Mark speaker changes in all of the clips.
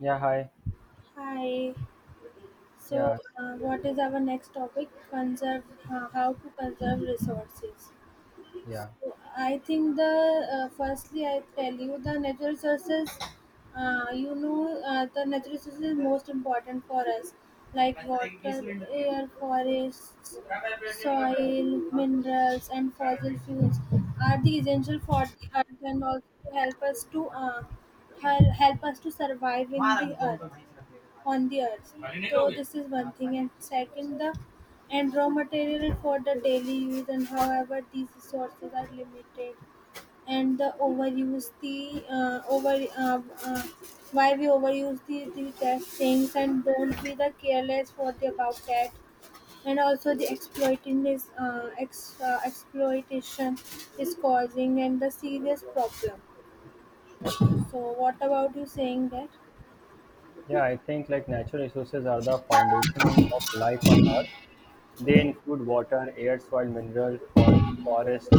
Speaker 1: Yeah, hi.
Speaker 2: Hi. So,
Speaker 1: Yeah,
Speaker 2: what is our next topic? Conserve how to conserve resources.
Speaker 1: yeah.
Speaker 2: So, I think the firstly I tell you the natural resources. You know the natural resources is most important for us, like water, air, forest, soil, minerals, and fossil fuels are the essential for the earth and also to help us to help us to survive in the earth on the earth. So this is one thing, and second, the and raw material for the daily use, and however these resources are limited and the overuse the over why we overuse the test things and don't be the careless for the about that and also the exploiting is exploitation is causing and the serious problem so what about you saying that
Speaker 1: Yeah, I think like natural resources are the foundation of life on Earth. They include water, air, soil, mineral, for, forest,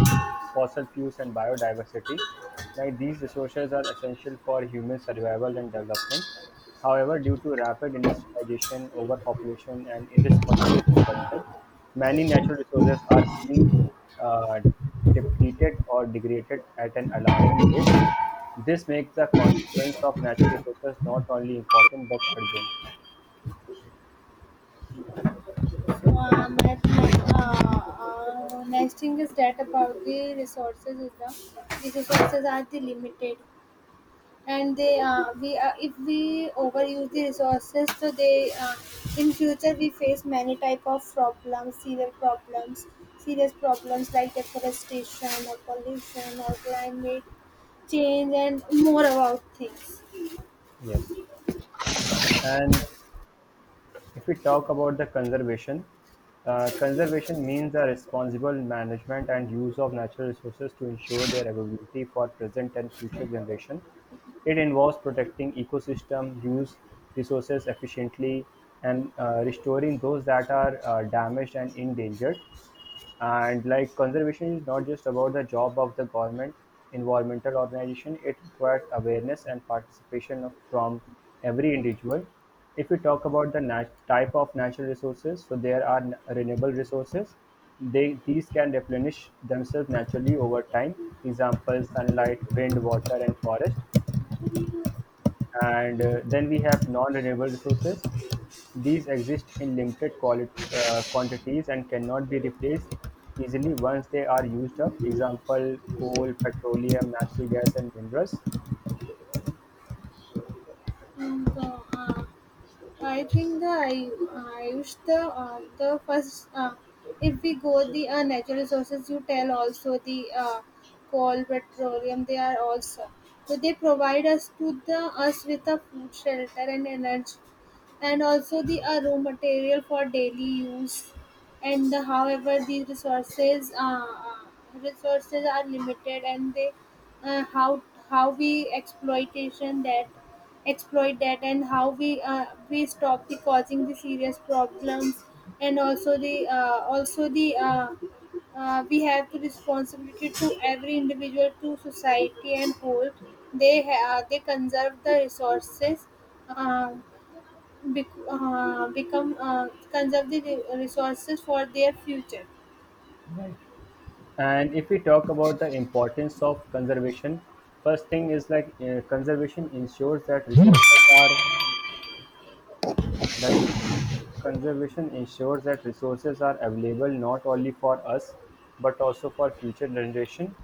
Speaker 1: fossil fuels, and biodiversity. Like these resources are essential for human survival and development. However, due to rapid industrialization, overpopulation, and irresponsible consumption, many natural resources are being uh, depleted or degraded at an alarming rate. This makes the consequence of natural resources not only important but urgent.
Speaker 2: so next thing is that about the resources is the resources are the limited and they we if we overuse the resources so they in future we face many type of problems serious problems serious problems like deforestation or pollution or climate change and more about things
Speaker 1: Yes. And if we talk about the conservation, conservation means the responsible management and use of natural resources to ensure their availability for present and future generation. It involves protecting ecosystem, use resources efficiently, and restoring those that are damaged and endangered. And like conservation is not just about the job of the government, environmental organization, it requires awareness and participation of, from every individual. If we talk about the type of natural resources, so there are renewable resources. They, these can replenish themselves naturally over time. Example, sunlight, wind, water, and forest. And then we have non-renewable resources. These exist in limited quantities and cannot be replaced easily once they are used up. Example: coal, petroleum, natural gas, and minerals.
Speaker 2: and so, I think I wish the first if we go the natural resources you tell also the coal petroleum they are also so they provide us to the us with a food shelter and energy and also the raw material for daily use and the, however these resources resources are limited and they uh, how how we exploitation that exploit that and how we stop the causing the serious problems and also the we have the responsibility to every individual to society and whole they conserve the resources um, become conserve the resources for their future.
Speaker 1: And if we talk about the importance of conservation, first thing is like that conservation ensures that resources are available not only for us but also for future generation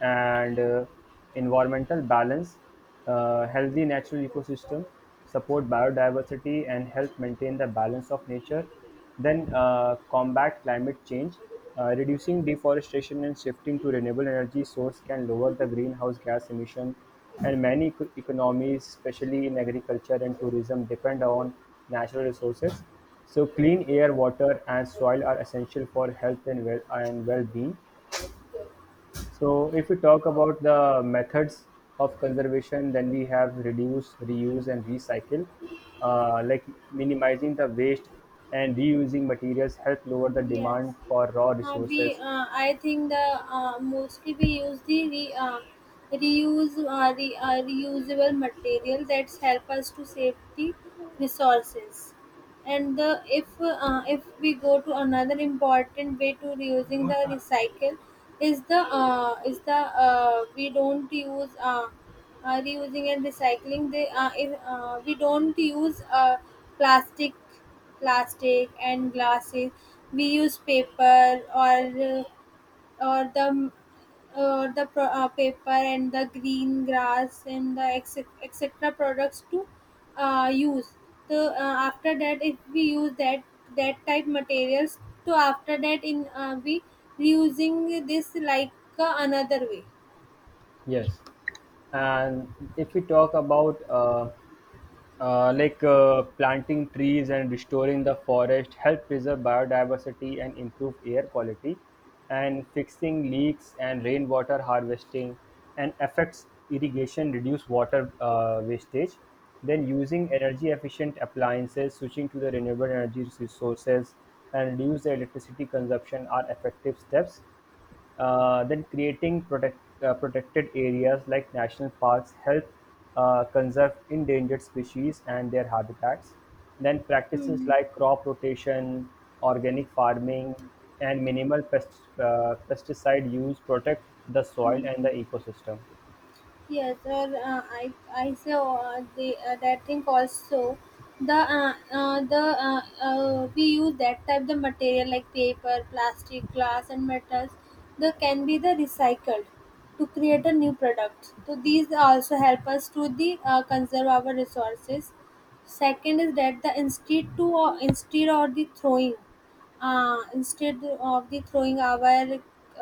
Speaker 1: and environmental balance, healthy natural ecosystem, support biodiversity and help maintain the balance of nature, then combat climate change. Reducing deforestation and shifting to renewable energy source can lower the greenhouse gas emission, and many economies, especially in agriculture and tourism, depend on natural resources. So, clean air, water, and soil are essential for health and well and well-being. So if we talk about the methods of conservation, then we have reduce, reuse, and recycle. Like minimizing the waste and reusing materials help lower the
Speaker 2: Yes.
Speaker 1: demand for raw resources.
Speaker 2: I think the mostly we use reuse reusable material that help us to save the resources. And the if we go to another important way to reusing the recycle is the we don't use reusing and recycling. They if, We don't use plastic plastic and glasses. We use paper uh, or the paper and the green grass and the etc products to use. So after that, if we use that type materials, to after that in we reusing this like another way.
Speaker 1: Yes. And if we talk about like planting trees and restoring the forest help preserve biodiversity and improve air quality, and fixing leaks and rainwater harvesting and affects irrigation reduce water wastage, then using energy efficient appliances switching to the renewable energy resources and reduce the electricity consumption are effective steps, then creating protected areas like national parks help conserve endangered species and their habitats. Then practices
Speaker 2: Hmm.
Speaker 1: like crop rotation, organic farming, and minimal pesticide use protect the soil and the ecosystem.
Speaker 2: Yes, or I say the that thing also the we use that type the material like paper, plastic, glass, and metals. They can be the recycled to create a new product. So these also help us to the conserve our resources. Second is that the instead to or instead or the throwing instead of the throwing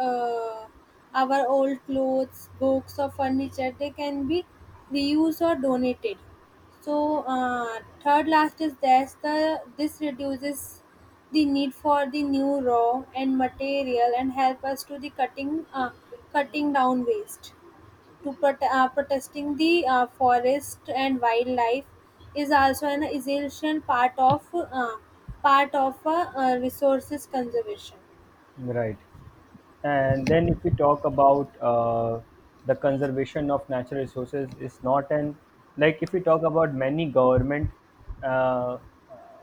Speaker 2: uh, our old clothes, books, or furniture, they can be reused or donated. So third last is that's the this reduces the need for the new raw and material and help us to the cutting down waste to protesting the forest and wildlife is also an essential part of resources conservation.
Speaker 1: Right. And then if we talk about the conservation of natural resources is not an like if we talk about uh, uh,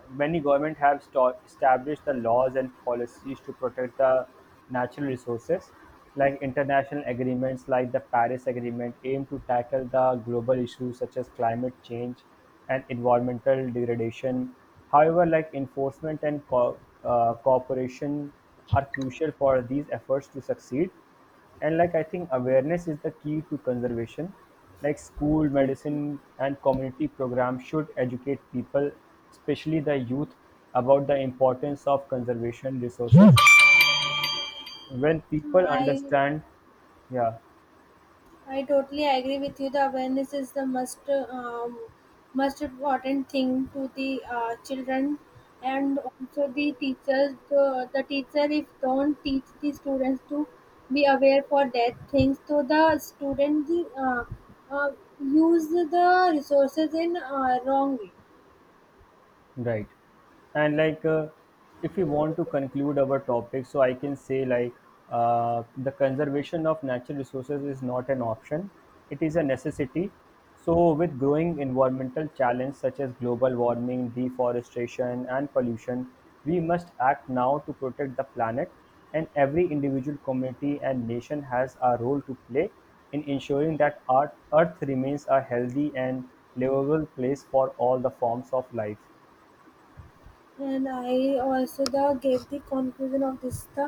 Speaker 1: many government have established the laws and policies to protect the natural resources, like international agreements like the Paris Agreement aim to tackle the global issues such as climate change and environmental degradation; however, like enforcement and cooperation are crucial for these efforts to succeed. And like I think awareness is the key to conservation. Like school,
Speaker 2: Yeah.
Speaker 1: medicine, and community programs should educate people, especially the youth, about the importance of conservation resources. When people
Speaker 2: I
Speaker 1: understand, yeah,
Speaker 2: I totally agree with you. The awareness is the most most important thing to the children and also the teachers. The teacher if don't teach the students to be aware for that things, so the student uh, uh, use the resources in wrong way.
Speaker 1: right. And like, if we want to conclude our topic, so I can say like, the conservation of natural resources is not an option; it is a necessity. So, with growing environmental challenges such as global warming, deforestation, and pollution, we must act now to protect the planet. And every individual community and nation has a role to play in ensuring that our Earth remains a healthy and livable place for all the forms of life.
Speaker 2: And I also the gave the conclusion of this the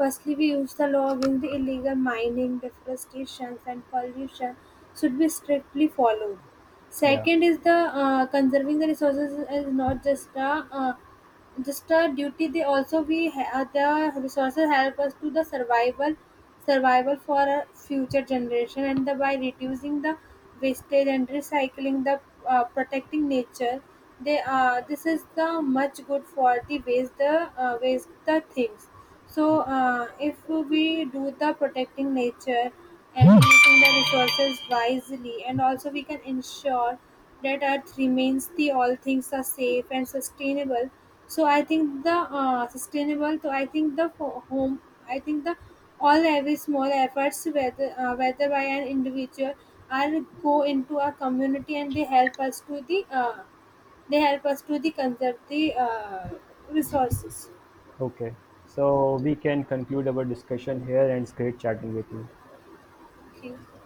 Speaker 2: firstly we use the law against the illegal mining, deforestation and pollution should be strictly followed.
Speaker 1: Yeah.
Speaker 2: Second is the conserving the resources is not just a just a duty they also we the resources help us to the survival survival for a future generation and the, by reducing the wastage and recycling the protecting nature they this is the much good for the waste the waste the things so, if we do the protecting nature and using the resources wisely, and also we can ensure that Earth remains the all things are safe and sustainable. So, I think the sustainable. So, I think the home. I think the all every small efforts, whether whether by an individual, are go into our community and they help us to they help us to the conserve the resources.
Speaker 1: Okay. So we can conclude our discussion here, and it's great chatting with you.
Speaker 2: Okay.